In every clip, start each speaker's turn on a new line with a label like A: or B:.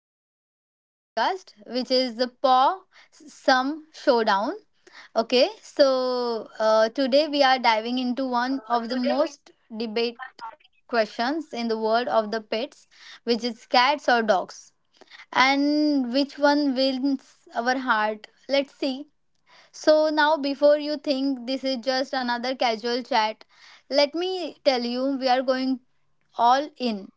A: Welcome to our podcast, which is the Paw Some Showdown. Okay, so today we are diving into one of the most debate questions in the world of the pets, which is cats or dogs, and which one wins our heart. Let's see. So now, before you think this is just another casual chat, let me tell you we are going all in.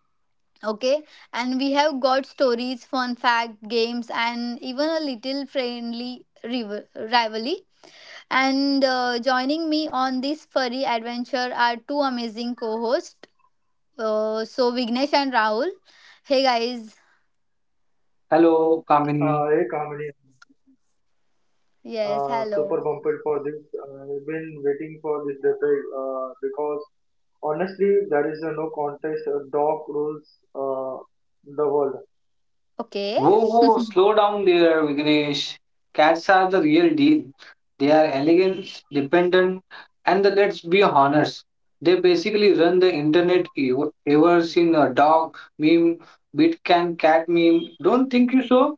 A: Okay, and we have got stories, fun fact, games, and even a little friendly rivalry. And joining me on this furry adventure are two amazing co hosts. So, Vignesh and Rahul. Hey guys.
B: Hello,
C: Hey
B: Kamini.
C: Kamini,
A: Yes,
C: super
A: hello.
C: pumped for this. I've been waiting for this decade because honestly, there is a no contest. Dog rules uh, the world.
A: Okay.
B: Whoa, whoa, slow down there, Vignesh. Cats are the real deal. They are elegant, dependent, and the, let's be honest, they basically run the internet. You ever seen a dog meme, bit can cat meme? Don't think you so?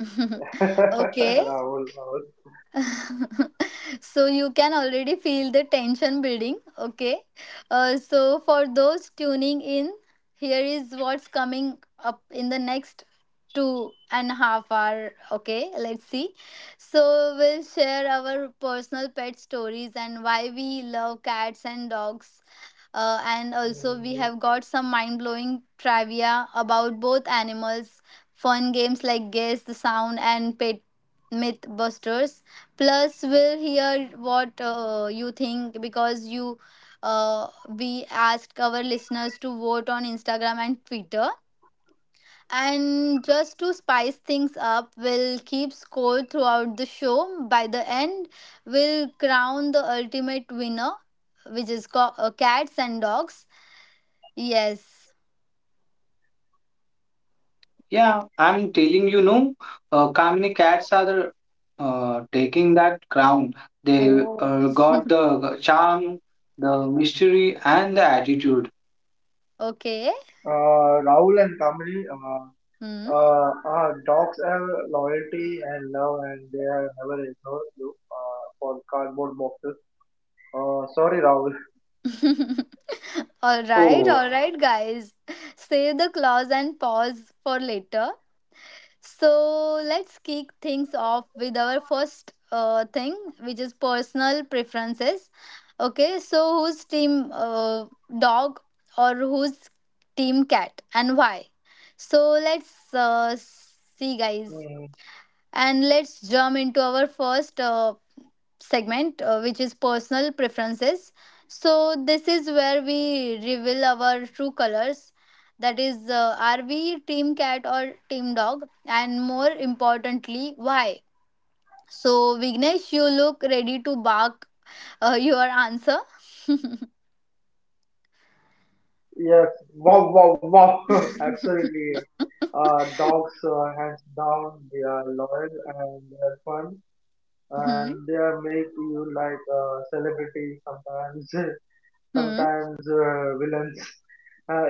A: Okay.
C: Rahul, Rahul.
A: So you can already feel the tension building. Okay, so for those tuning in, here is what's coming up in the next 2.5 hour. Okay, let's see. So we'll share our personal pet stories and why we love cats and dogs. And also, we
C: Mhm.
A: have got some mind blowing trivia about both animals, fun games like Guess the Sound and Pet Mythbusters. Plus, we'll hear what you think because you we asked our listeners to vote on Instagram and Twitter. And just to spice things up, we'll keep score throughout the show. By the end, we'll crown the ultimate winner, which is cats and dogs. Yes.
B: Yeah, I'm telling you no. Kamini, cats are the, taking that crown. They
A: Oh.
B: got the charm, the mystery, and the attitude.
A: Okay.
C: Rahul and Kamini,
A: Hmm.
C: dogs have loyalty and love, and they have never ignored you for cardboard boxes. Sorry, Rahul.
A: All right,
B: Oh.
A: all right, guys. Save the clause and pause for later. So let's kick things off with our first thing, which is personal preferences. Okay, so whose team dog or whose team cat and why? So let's see, guys,
C: Hmm.
A: and let's jump into our first segment, which is personal preferences. So, this is where we reveal our true colors. That is, are we team cat or team dog? And more importantly, why? So, Vignesh, you look ready to bark your answer.
C: Yes, wow, wow, wow, absolutely. Dogs, hands down, they are loyal and they are fun,
A: Hmm.
C: and they are make you like celebrity sometimes,
A: Hmm.
C: sometimes villains.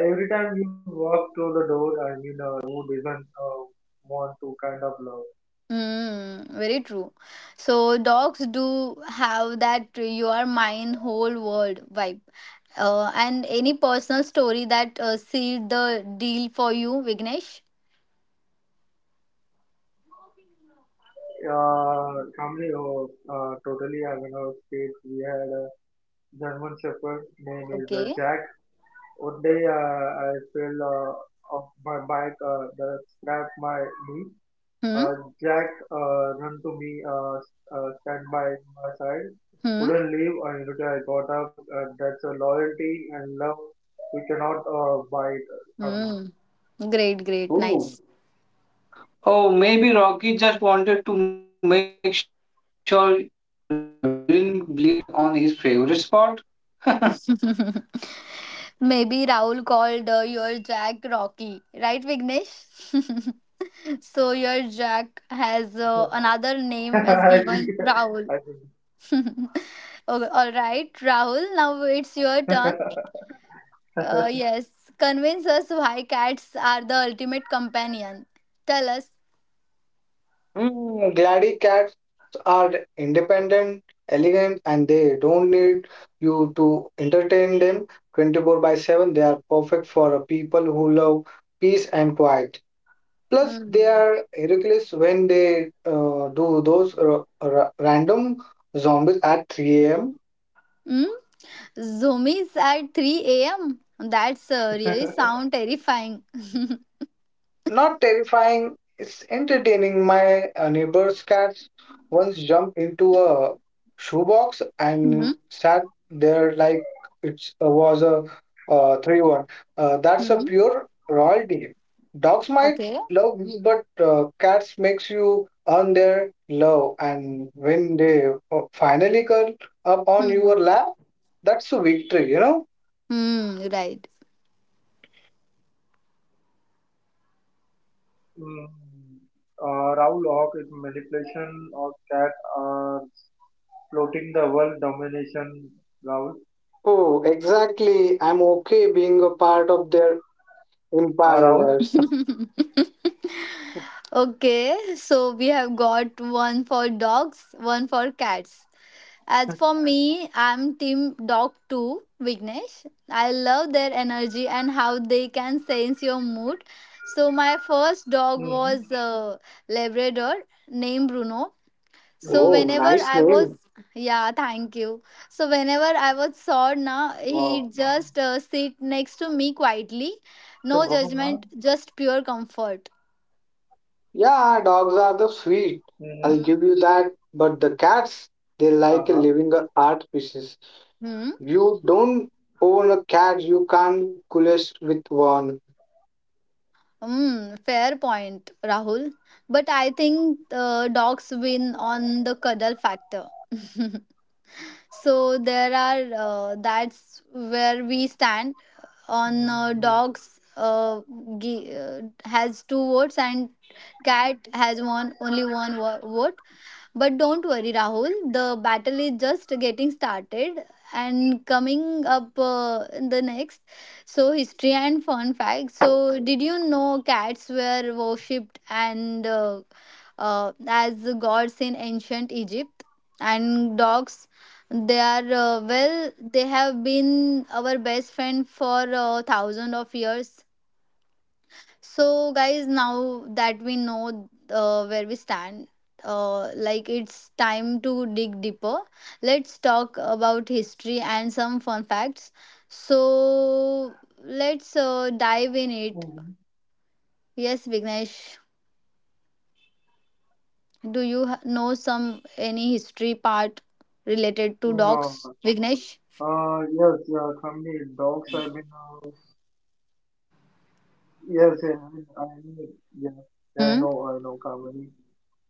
C: Every time you walk through the door, I mean, who doesn't want to kind of love?
A: Mm, very true. So dogs do have that you are mine whole world vibe. And any personal story that sealed the deal for you, Vignesh?
C: Family, oh, totally. I mean, our state, we had a German Shepherd, name is
A: Okay.
C: Jack. One day, I fell off my bike, that scraped my knee.
A: Hmm.
C: Uh, Jack ran to me, stand by my side.
A: Hmm.
C: Couldn't leave until I got up. And that's a loyalty and love we cannot buy it. Um,
A: Hmm. Great. Great.
B: Oh,
A: Nice.
B: oh, maybe Rocky just wanted to make sure didn't bleed on his favorite spot.
A: Maybe Rahul called your Jack Rocky, right, Vignesh? So your Jack has another name as
C: I
A: given
C: think,
A: Rahul.
C: I think.
A: Oh, all right, Rahul, now it's your turn. Yes, convince us why cats are the ultimate companion. Tell us.
B: Mm, Glady cats are independent, elegant, and they don't need you to entertain them 24 by 7. They are perfect for people who love peace and quiet. Plus, they
A: Hmm.
B: are ridiculous when they do those random zombies at 3 a.m.
A: Hmm? Zoomies at 3 a.m. That's really sound terrifying. Hmm.
B: Not terrifying, it's entertaining. My neighbor's cats once jumped into a shoebox and sat there like it was a 3-1. That's a
A: Hmm.
B: pure royalty. Dogs might
A: Okay.
B: love you, but cats makes you earn their love. And when they finally curl up on your
A: Hmm.
B: lap, that's a victory, you know?
A: Hmm, right.
C: Mm, Raoul Hawk is manipulation of cat uh, floating the world domination. Raoul.
B: Oh, exactly. I'm okay being a part of their empire.
C: Raoul.
A: Okay, so we have got one for dogs, one for cats. As for me, I'm Team Dog 2, Vignesh. I love their energy and how they can sense your mood. So, my first dog was
C: Mm-hmm.
A: a Labrador named Bruno. So,
B: Oh,
A: whenever
B: nice
C: Mm-hmm.
A: I was,
B: name.
A: yeah, thank you. So, whenever I was sad, na, he just
C: Wow. Mm-hmm.
A: sit next to me quietly. No
C: So
A: judgment, just
C: Brahma.
A: pure comfort.
B: Yeah, dogs are the sweet. I'll
A: Hmm.
B: give you
C: Mm-hmm.
B: that. But the cats, they like a living
C: Uh-huh.
B: art pieces. You don't own a cat, you can't coolest with one.
A: Mm, fair point, Rahul. But I think dogs win on the cuddle factor. So there are that's where we stand on dogs
C: Mm-hmm.
A: has two votes and cat has one, only one vote. But don't worry, Rahul, the battle is just getting started and coming up in the next. So, history and fun facts. So, did you know cats were worshipped and as gods in ancient Egypt? And dogs, they are well, they have been our best friend for thousands of years. So, guys, now that we know where we stand, like it's time to dig deeper. Let's talk about history and some fun facts. So, let's dive in it.
C: Mm-hmm.
A: Yes, Vignesh, do you know some any history part related to
C: No,
A: dogs, Vignesh?
C: yes, yeah, Kamini, dogs have been, yes, yeah, I mean, yeah, yeah,
A: Hmm.
C: I know, Kamini.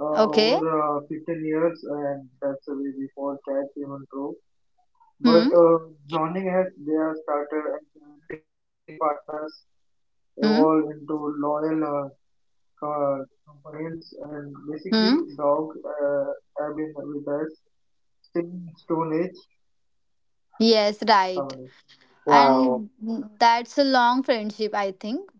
A: Okay.
C: Over 15 years, and that's the way before cats even grew. But
A: Hmm.
C: joining as they are started and hunting partners
A: Hmm.
C: evolve into loyal companions, and
A: Hmm.
C: basically, dogs have been with us since Stone Age
A: Yes, right.
C: Comedy.
B: Wow.
A: And that's a long friendship, I think.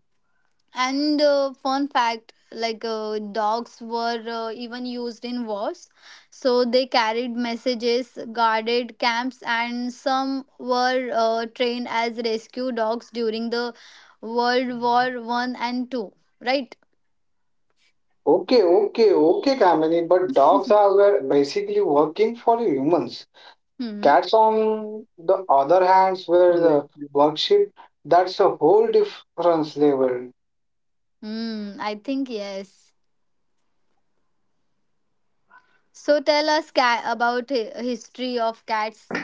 A: And fun fact like dogs were even used in wars. So they carried messages, guarded camps, and some were trained as rescue dogs during the World War I and II. Right?
B: Okay, okay, okay, Kamini. But dogs are were basically working for humans.
A: Hmm.
B: Cats, on the other hand,
C: Yes.
B: were
C: Yes.
B: the worship. That's a whole difference level.
A: Hmm. I think yes. So tell us about history of cats,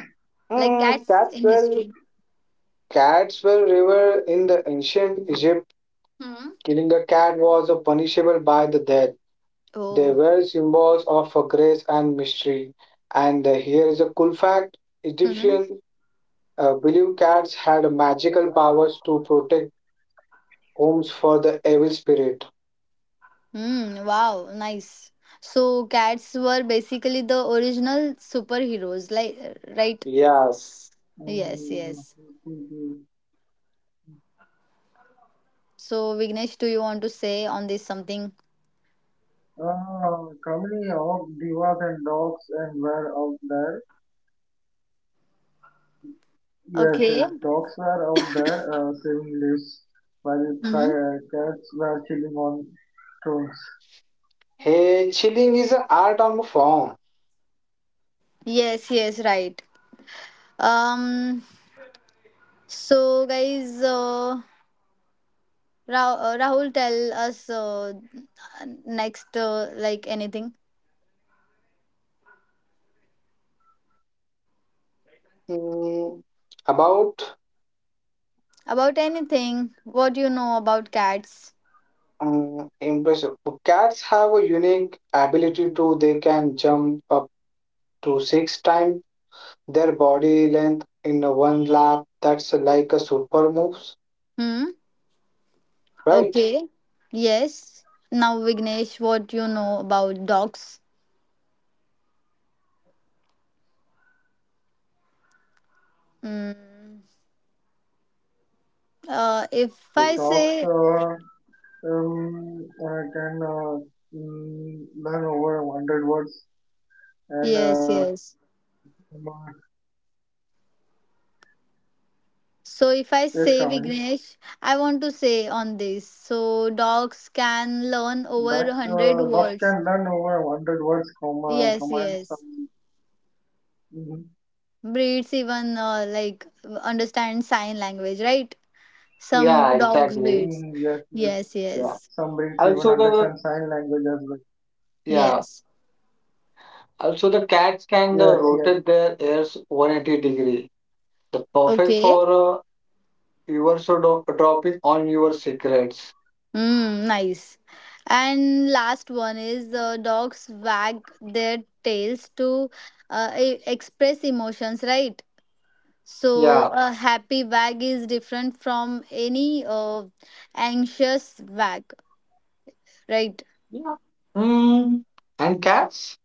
A: like
B: Hmm,
A: cats
B: cats
A: in
B: were
A: history.
B: cats were revered in the ancient Egypt.
A: Hmm.
B: Killing a cat was punishable by the death. They
A: Oh.
B: were symbols of grace and mystery. And here is a cool fact. Egyptian believed cats had magical powers to protect homes for the evil spirit.
A: Hmm, wow, nice. So cats were basically the original superheroes, like right?
B: Yes.
A: Yes,
C: Mm.
A: yes.
C: Mhm.
A: So Vignesh, do you want to say on this something?
C: Comedy of divas and dogs and were out there. Yes,
A: Okay.
C: yes. Dogs were out there saving lives while
A: Mm-hmm.
C: cats were chilling on stones.
B: Hey, chilling is an art on form.
A: Yes, yes, right. Um. So guys, Rahul, tell us next, like anything
B: Mm, about
A: about anything. What do you know about cats?
B: impressive. Cats have a unique ability to they can jump up to six times their body length in a one lap, that's like a super moves,
A: Hmm.
B: right?
A: Okay. Yes. Now, Vignesh, what you know about dogs? Mm, if I
C: Dogs
A: say
C: can mm, learn over 100 words and
A: yes, yes.
C: um,
A: So
C: case
A: if I
C: comedy.
A: say Vignesh, I want to say on this. So dogs can learn over a hundred
C: Dogs
A: words.
C: can learn over 100 words, comma,
A: Yes,
C: command
A: yes.
C: some. Mm-hmm.
A: Breeds even like understand sign language, right?
B: Yeah,
A: Some dogs
B: exactly.
A: breeds.
C: Yes, yes.
A: Yes,
B: Yeah.
A: yes,
C: Some breeds even
B: Also the
C: understand sign language as well.
B: yeah.
A: yes.
B: Also the cats can
C: Yes, yes.
B: rotate their ears 180 degree. The perfect
A: Okay.
B: for your so dropping on your secrets.
A: Mm, nice. And last one is dogs wag their tails to express emotions, right? So
B: Yeah.
A: a happy wag is different from any anxious wag, right?
B: Yeah. Hmm. And cats?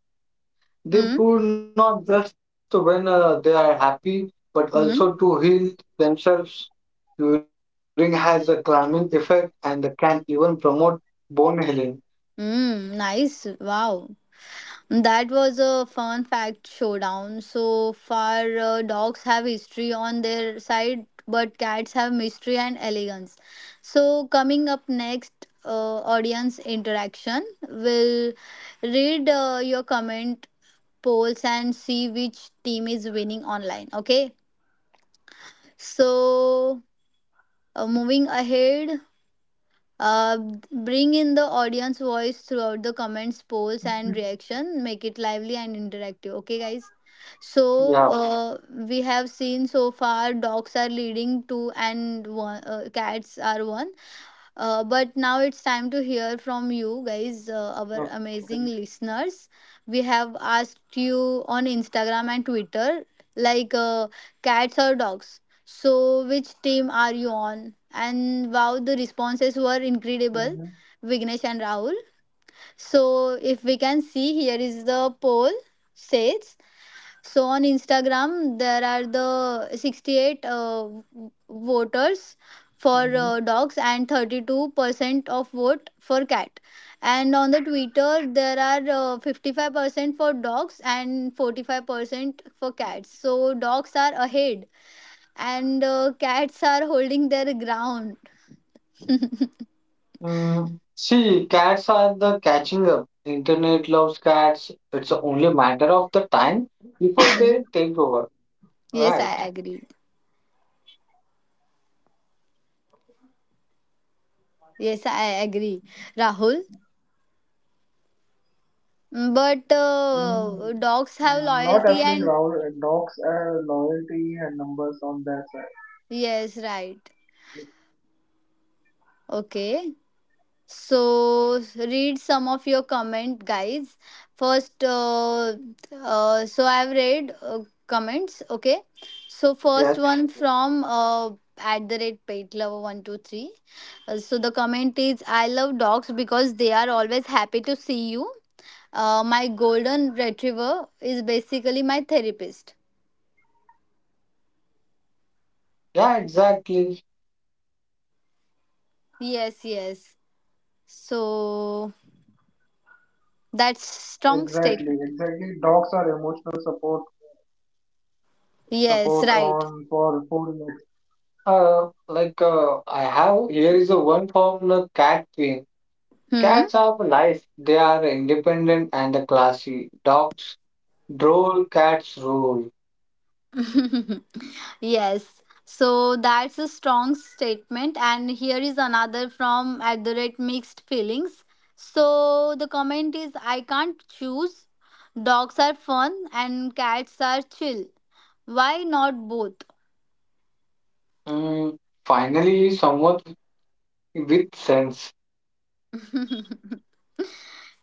B: They
A: Mm?
B: pull not just when they are happy, but also to
A: Mm?
B: heal themselves. Urine has a calming effect and can even promote bone healing.
A: Mm, nice. Wow. That was a fun fact showdown. So far, dogs have history on their side, but cats have mystery and elegance. So, coming up next, audience interaction. We'll read your comment polls and see which team is winning online. Okay. So, moving ahead, Uh, bring in the audience voice throughout the comments, polls, and reaction. Make it lively and interactive. Okay, guys.
B: Yeah.
A: So we have seen so far dogs are leading two and one, cats are one. But now it's time to hear from you guys, our
C: Okay.
A: amazing listeners. We have asked you on Instagram and Twitter, like cats or dogs. So, which team are you on? And wow, the responses were incredible,
C: Mm-hmm.
A: Vignesh and Rahul. So, if we can see, here is the poll says. So on Instagram, there are the 68 voters for
C: Mm-hmm.
A: dogs and 32% of vote for cat. And on the Twitter, there are 55% for dogs and 45% for cats. So dogs are ahead and cats are holding their ground.
B: Mm. See, cats are the catching up. Internet loves cats. It's only matter of the time before they
A: Mhm.
B: take over.
A: Yes,
B: Right.
A: I agree. Yes, I agree, Rahul. But uh, dogs have
C: Not
A: loyalty
C: applying
A: and
C: dogs loyalty and numbers on their side.
A: yes, right. Okay. So read some of your comment guys. First so I've read comments, okay? So first
B: Yes.
A: one from @petlover123. So the comment is I love dogs because they are always happy to see you. My golden retriever is basically my therapist.
B: Yeah, exactly.
A: Yes, yes. So that's strong
C: Exactly,
A: statement.
C: exactly. Dogs are emotional support
A: Yes, right.
C: on for four legs.
B: I have here is a one from the cat queen.
A: Hmm.
B: Cats have life. They are independent and classy. Dogs droll, cats rule.
A: Yes. So that's a strong statement. And here is another from @mixedfeelings. So the comment is I can't choose. Dogs are fun and cats are chill. Why not both?
B: Mm, finally, someone with sense.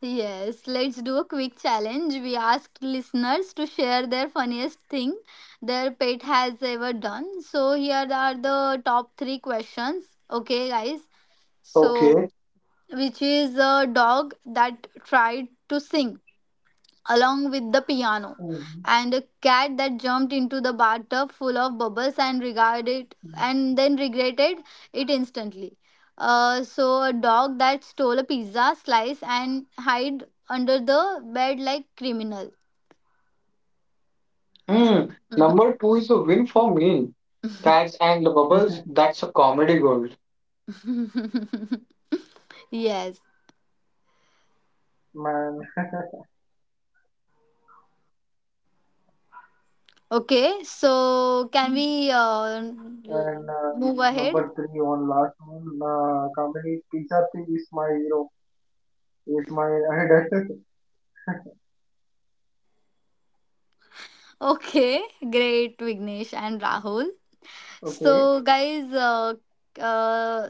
A: Yes, let's do a quick challenge. We asked listeners to share their funniest thing their pet has ever done. So here are the top three questions. Okay, guys. So
B: Okay.
A: which is a dog that tried to sing along with the
C: Mm-hmm.
A: piano, and a cat that jumped into the bathtub full of bubbles and regarded and then regretted it instantly. So a dog that stole a pizza slice and hid under the bed like criminal.
B: Mm, number two is a win for me. Cats and the bubbles. That's a comedy gold.
A: Yes.
C: Man,
A: Okay. So can we
C: and
A: move ahead?
C: number three on last one. Kamini, pizza thing is my hero. It's my idol.
A: Okay. Great, Vignesh and Rahul.
C: Okay.
A: So, guys, uh,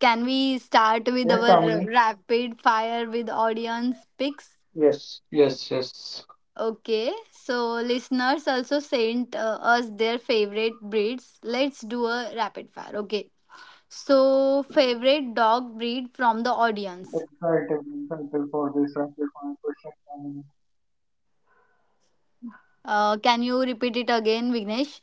A: can we start with
C: Yes,
A: our
C: Kamini.
A: rapid fire with audience picks?
B: Yes, yes, yes.
A: Okay, so listeners also sent us their favorite breeds. Let's do a rapid fire. Okay, so favorite dog breed from the audience.
C: Excited for this rapid fire question, Kamini.
A: Can you repeat it again, Vignesh?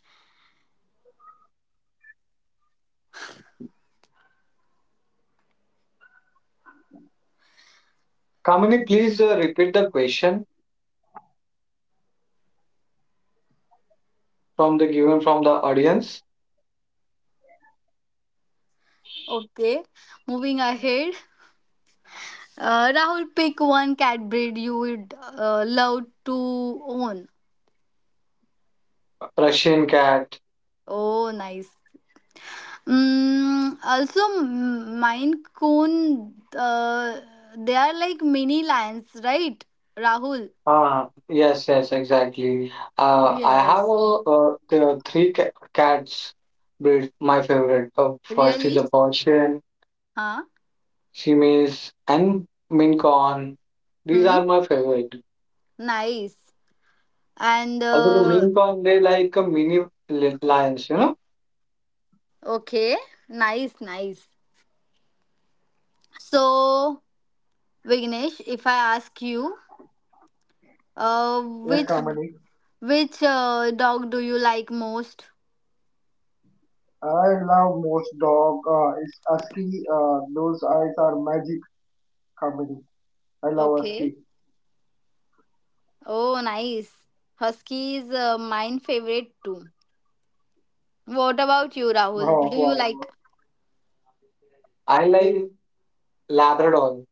B: Kamini, please repeat the question from the given from the audience.
A: Okay, moving ahead. Rahul, pick one cat breed you would love to own.
B: Russian cat.
A: Oh, nice. Mm, also, Maine Coon, they are like mini lions, right, Rahul?
B: Ah, yes, yes, exactly. I have
A: Yes.
B: a, the three ca cats breed my favorite. First is
A: Really?
B: the Persian,
A: Huh?
B: Siamese, and Maine Coon. These
A: Hmm.
B: are my favorite.
A: Nice. And
B: Also, the Maine Coon, they like a mini lions, you know.
A: Okay, nice, nice. So, Vignesh, if I ask you, uh,
C: Yes,
A: which
C: Kamini.
A: which dog do you like most?
C: I love most dog. It's Husky. Those eyes are magic, Kamini. I love Husky.
A: Okay. Oh, nice. Husky is mine favorite too. What about you,
C: Wow, wow,
A: Rahul? Do
C: wow.
A: you like?
B: I like Labrador.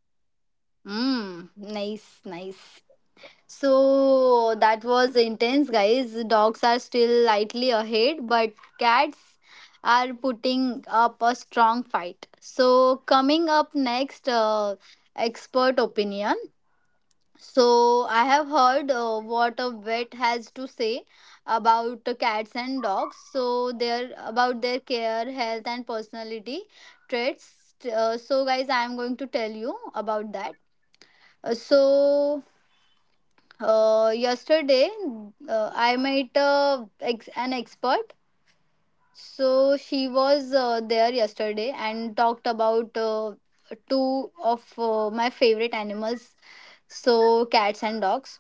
A: Mmm, nice, nice. So that was intense, guys. Dogs are still slightly ahead, but cats are putting up a strong fight. So, coming up next, expert opinion. So I have heard what a vet has to say about the cats and dogs. So their about their care, health, and personality traits. So guys, I am going to tell you about that. Uh, so yesterday I met an expert. So she was there yesterday and talked about two of my favorite animals, so cats and dogs.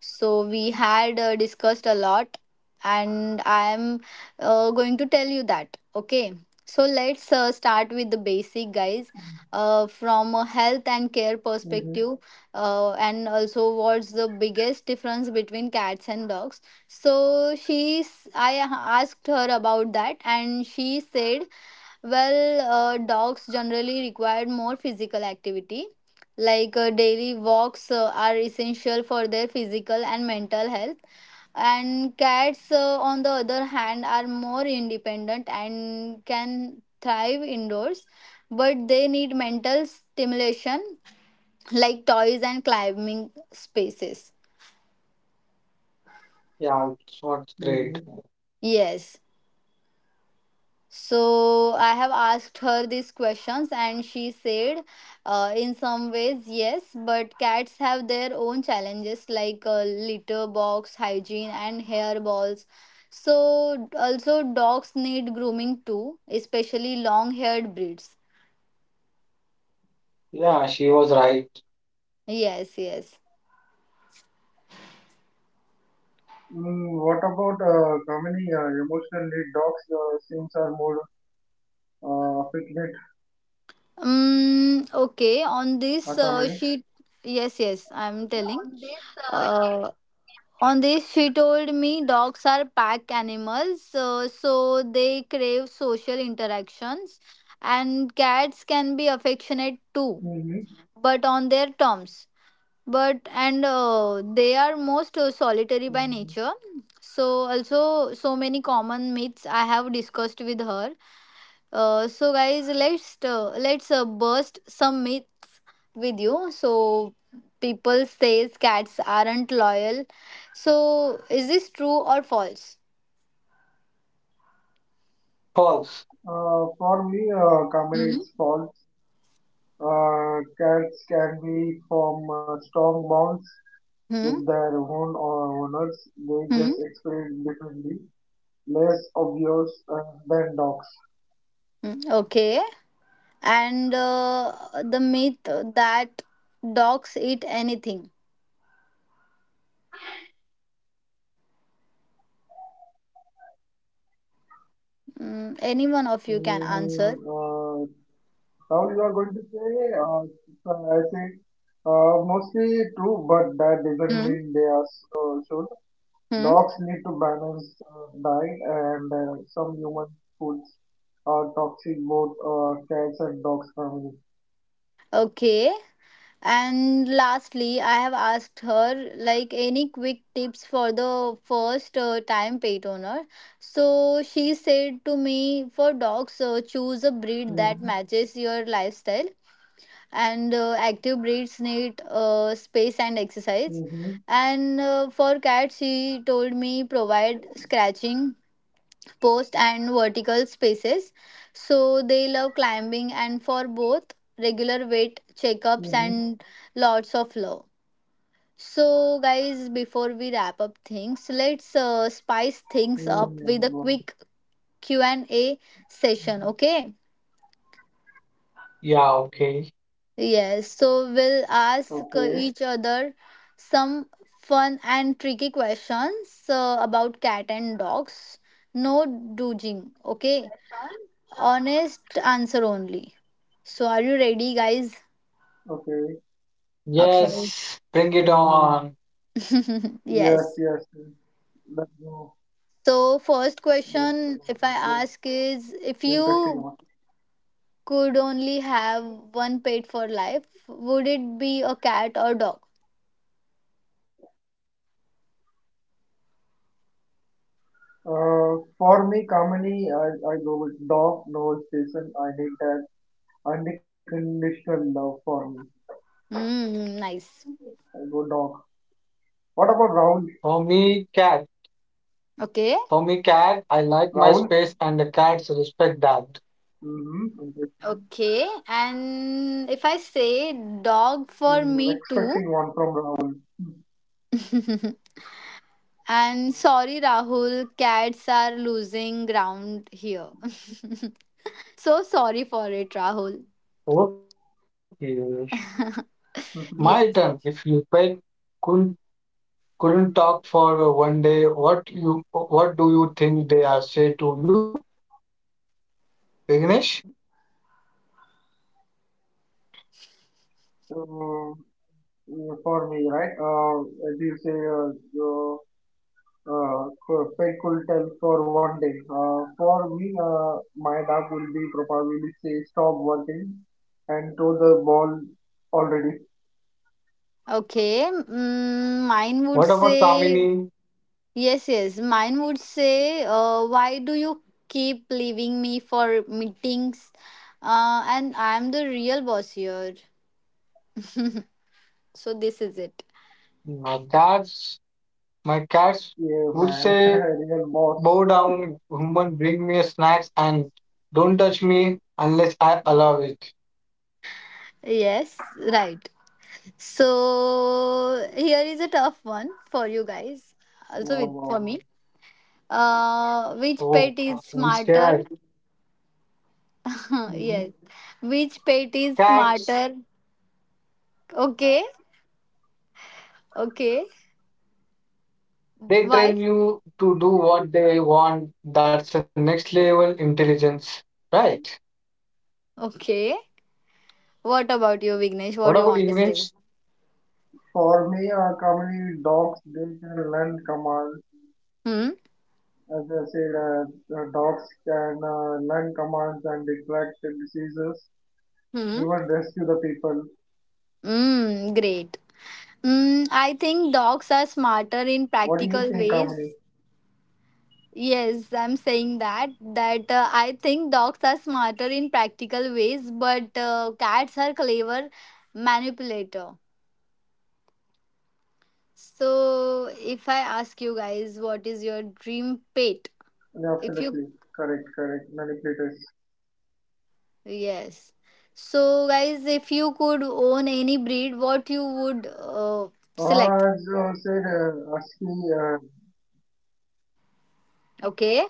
A: So we had discussed a lot, and I am going to tell you that. Okay, so let's start with the basic, guys. From a health and care
C: Mm-hmm,
A: perspective, and also what's the biggest difference between cats and dogs. So she's I asked her about that, and she said, well, dogs generally require more physical activity. Like daily walks are essential for their physical and mental health. And cats, on the other hand, are more independent and can thrive indoors. But they need mental stimulation like toys and climbing spaces.
B: Yeah, it's not
C: mm-hmm.
B: great.
A: Yes. So I have asked her these questions, and she said, in some ways, yes, but cats have their own challenges like litter box, hygiene, and hair balls. So, also, dogs need grooming too, especially long haired breeds.
B: Yeah, she was right.
A: Yes, yes.
C: What about Kamini? Emotionally, dogs seems are more affectionate,
A: Okay, on this,
C: Kamini.
A: yes, yes, I'm telling. Uh, On this, she told me dogs are pack animals, so they crave social interactions, and cats can be affectionate too,
C: Mm-hmm.
A: but on their terms. But and They are most solitary by
C: Mm-hmm.
A: nature. So also so many common myths I have discussed with her. So guys, let's burst some myth with you. So people says cats aren't loyal. So is this true or false?
B: False.
C: For me,
A: Hmm.
C: Kamini, it's false. Cats can be from strong bonds
A: Hmm.
C: with their own owners. They
A: Hmm.
C: just express differently, less obvious than dogs.
A: Hmm. Okay. And the myth that dogs eat anything. Mm, any one of you can answer.
C: Mm-hmm. Now you are going to say, I think mostly true, but that doesn't
A: Hmm.
C: mean they are should.
A: Hmm.
C: Dogs need to balance diet, and some human foods are toxic both cats and dogs family.
A: Okay. And lastly, I have asked her like any quick tips for the first time pet owner. So she said to me, for dogs, choose a breed that
C: Mm-hmm.
A: matches your lifestyle, and active breeds need space and exercise.
C: Mm-hmm.
A: And for cats, she told me provide scratching, post and vertical spaces. So they love climbing and for both regular weight
C: Mm-hmm.
A: checkups and lots of love. So guys, before we wrap up things, let's spice things
C: Mm-hmm.
A: up with a quick Q&A
C: Mm-hmm.
A: session, okay?
B: Yeah, okay.
A: Yes, so we'll ask
C: Okay.
A: each other some fun and tricky questions about cat and dogs. No dooging, okay? Honest answer only. So are you ready, guys?
C: Okay.
A: Okay.
B: Yes, bring it
C: Mm-hmm.
B: on.
C: Yes,
A: Yes.
C: yes. Yes. Let's go.
A: So first
C: Let's go.
A: question, if I
C: Let's go.
A: ask, is if
C: Interesting
A: you
C: one.
A: could only have one pet for life, would it be a cat or dog?
C: For me, commonly I go with dog, no station. I need that unconditional love for me.
A: Hmm. Nice.
C: I go dog. What about Rahul?
B: For me, cat.
A: Okay.
B: For me, cat, I like my
C: Rahul?
B: space and the cats respect that.
C: Mm-hmm.
A: Okay. And if I say dog for me too.
C: Expecting one from Rahul.
A: And sorry, Rahul, cats are losing ground here. So sorry for it, Rahul.
B: Okay. My
C: uh,
B: turn.
A: Yes.
B: If you pet couldn't couldn't talk for 1 day, what you what do you think they are say to you? Vignesh?
C: mm, for me, right? As you say, uh, perfect cool tell for one day. For me, my dog will be probably say stop working and throw the ball already.
A: Okay. Mm, mine would
B: What about
A: say
B: Kamini?
A: yes, yes. Mine would say, why do you keep leaving me for meetings? And I'm the real boss here. So this is it.
B: My cats my cats
C: Yeah,
B: would
C: man,
B: say
C: real boss.
B: bow down woman bring me snacks and don't touch me unless I allow it.
A: Yes, right. So here is a tough one for you guys.
C: Wow,
A: Also
C: wow,
A: with
C: wow.
A: for me. Which
B: Oh,
A: pet is
B: I'm
A: smarter?
B: scared.
C: Mhm.
A: Yes. Which pet is
B: Cats.
A: smarter? Okay. Okay.
B: They train
A: Why?
B: you to do what they want. That's the next level intelligence, right?
A: Okay. What about you, Vignesh? What do
B: What
A: you
B: about
A: want to say?
B: English?
C: For me, commonly dogs they can learn commands.
A: Hmm?
C: As I said, dogs can learn commands and extract the diseases, even
A: Hmm?
C: rescue the people.
A: Mm, great. Mm, I think dogs are smarter in
C: What do you
A: practical
C: think, Kamini?
A: ways. Yes, I'm saying that. That I think dogs are smarter in practical ways, but cats are clever manipulator. So, if I ask you guys, what is your dream pet? If you
C: Absolutely correct, correct. Manipulators.
A: yes. So, guys, if you could own any breed, what you would
C: Oh,
A: select?
C: I was gonna ASCII.
A: Okay,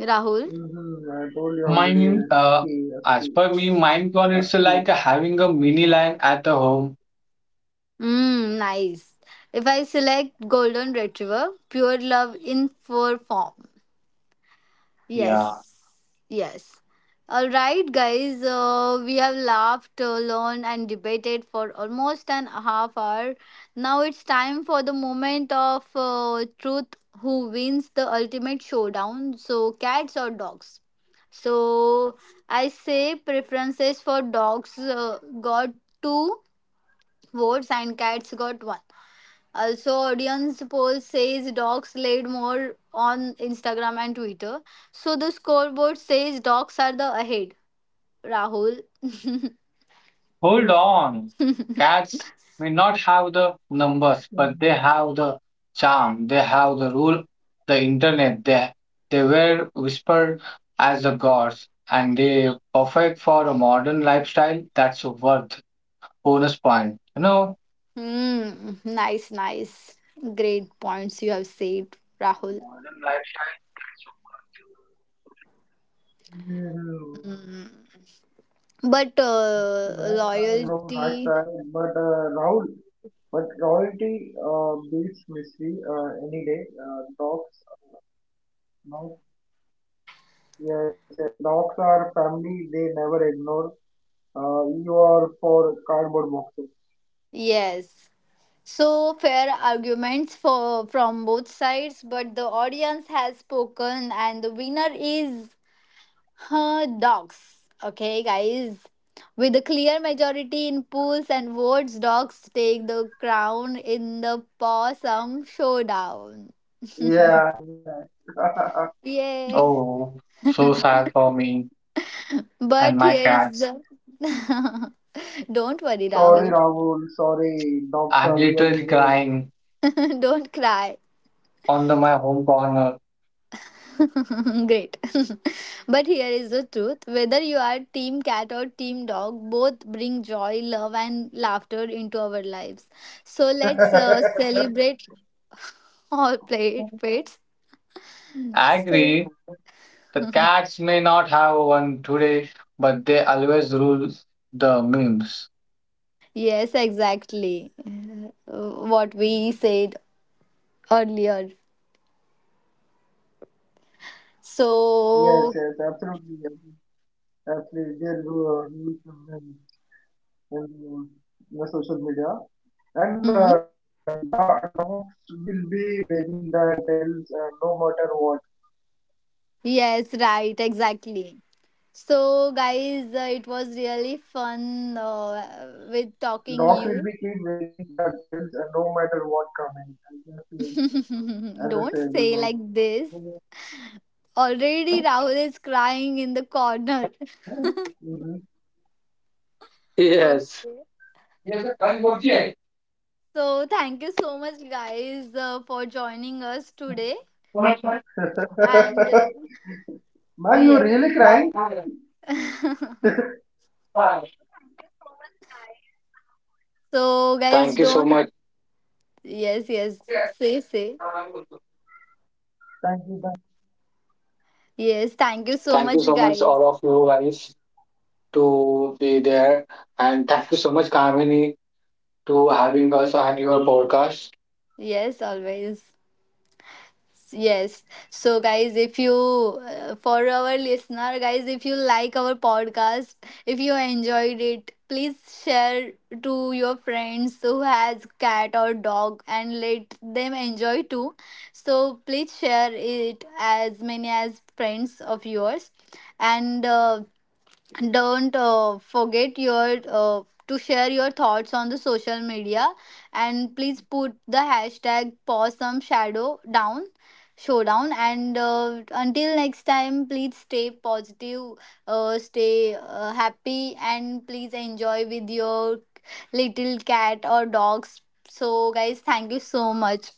A: Rahul.
C: I told you already.
B: Mine,
C: ASCII, ASCII,
B: as per me, mine gone, it's like
C: ASCII.
B: having a mini lion at the home.
A: Mm, nice. If I select Golden Retriever, pure love in fur form.
B: Yeah.
A: Yes, yes. All right, guys. We have laughed, learned, and debated for almost an half hour. Now it's time for the moment of truth. Who wins the ultimate showdown? So, cats or dogs? So, I say preferences for dogs got two votes and cats got one. Also, audience poll says dogs laid more on Instagram and Twitter. So the scoreboard says dogs are the ahead. Rahul.
B: Hold on. Cats may not have the
C: Mm-hmm.
B: numbers, but they have the charm. They have the rule, the internet. They were whispered as the gods, and they perfect for a modern lifestyle that's worth. Bonus point, you know?
A: Hmm. Nice. Great points you have said, Rahul.
C: Modern lifestyle. Mm-hmm.
A: Hmm. But
C: Lifestyle, bro. Lifestyle.
A: loyalty,
C: But Rahul, but royalty beats mystery any day. Dogs, no. Yes, and dogs are family. They never ignore. You are for cardboard boxes.
A: yes. So fair arguments for from both sides, but the audience has spoken, and the winner is huh, dogs. Okay, guys. With a clear majority in polls and votes, dogs take the crown in the possum showdown.
C: Yeah, yeah.
A: Yay.
B: Oh, so sad for me and
A: But
B: my
A: here is
B: cats.
A: the. Don't worry,
C: Sorry,
A: Rahul.
C: Rahul. Sorry, dogs
B: I'm
C: are real
B: literally
C: heroes.
B: crying
A: Don't cry.
B: on my home corner.
A: Great. But here is the truth whether you are team cat or team dog, both bring joy, love, and laughter into our lives. So let's
C: Yes,
A: celebrate pets.
B: I
A: So,
B: agree, the cats may not have one today, but they always rule the memes.
A: yes, exactly. Uh, What we said earlier. So,
C: yes, absolutely, absolutely. They're huge in the social media,
A: mm,
C: and dogs will be wagging their tails no matter what.
A: yes, right, exactly. So, guys, it was really fun with talking
C: Dogs
A: you.
C: will be keep wagging their tails no matter what coming. I as
A: Don't
C: I said
A: say like
C: before.
A: this. Already, Rahul is crying in the corner.
C: Mm-hmm.
B: Yes.
A: Okay.
B: Thank
A: So, thank you so much, guys, for joining us today. And
C: Man, you're
A: yeah.
C: really crying.
A: So, guys,
B: you so
A: don't
B: much.
A: yes, yes. Say, say.
C: Thank you.
A: Yes, thank you so
B: Thank you
A: much,
B: so much,
A: guys.
B: all of you guys, to be there. And thank you so much, Kamini, to having us on your podcast.
A: Yes, always. Yes. So, guys, if you, for our listener, guys, if you like our podcast, if you enjoyed it, please share to your friends who has cat or dog and let them enjoy too. So, please share it as many as friends of yours. And don't forget your to share your thoughts on the social media and please put the hashtag pause some shadow down showdown and until next time please stay positive stay happy and please enjoy with your little cat or dogs so guys thank you so much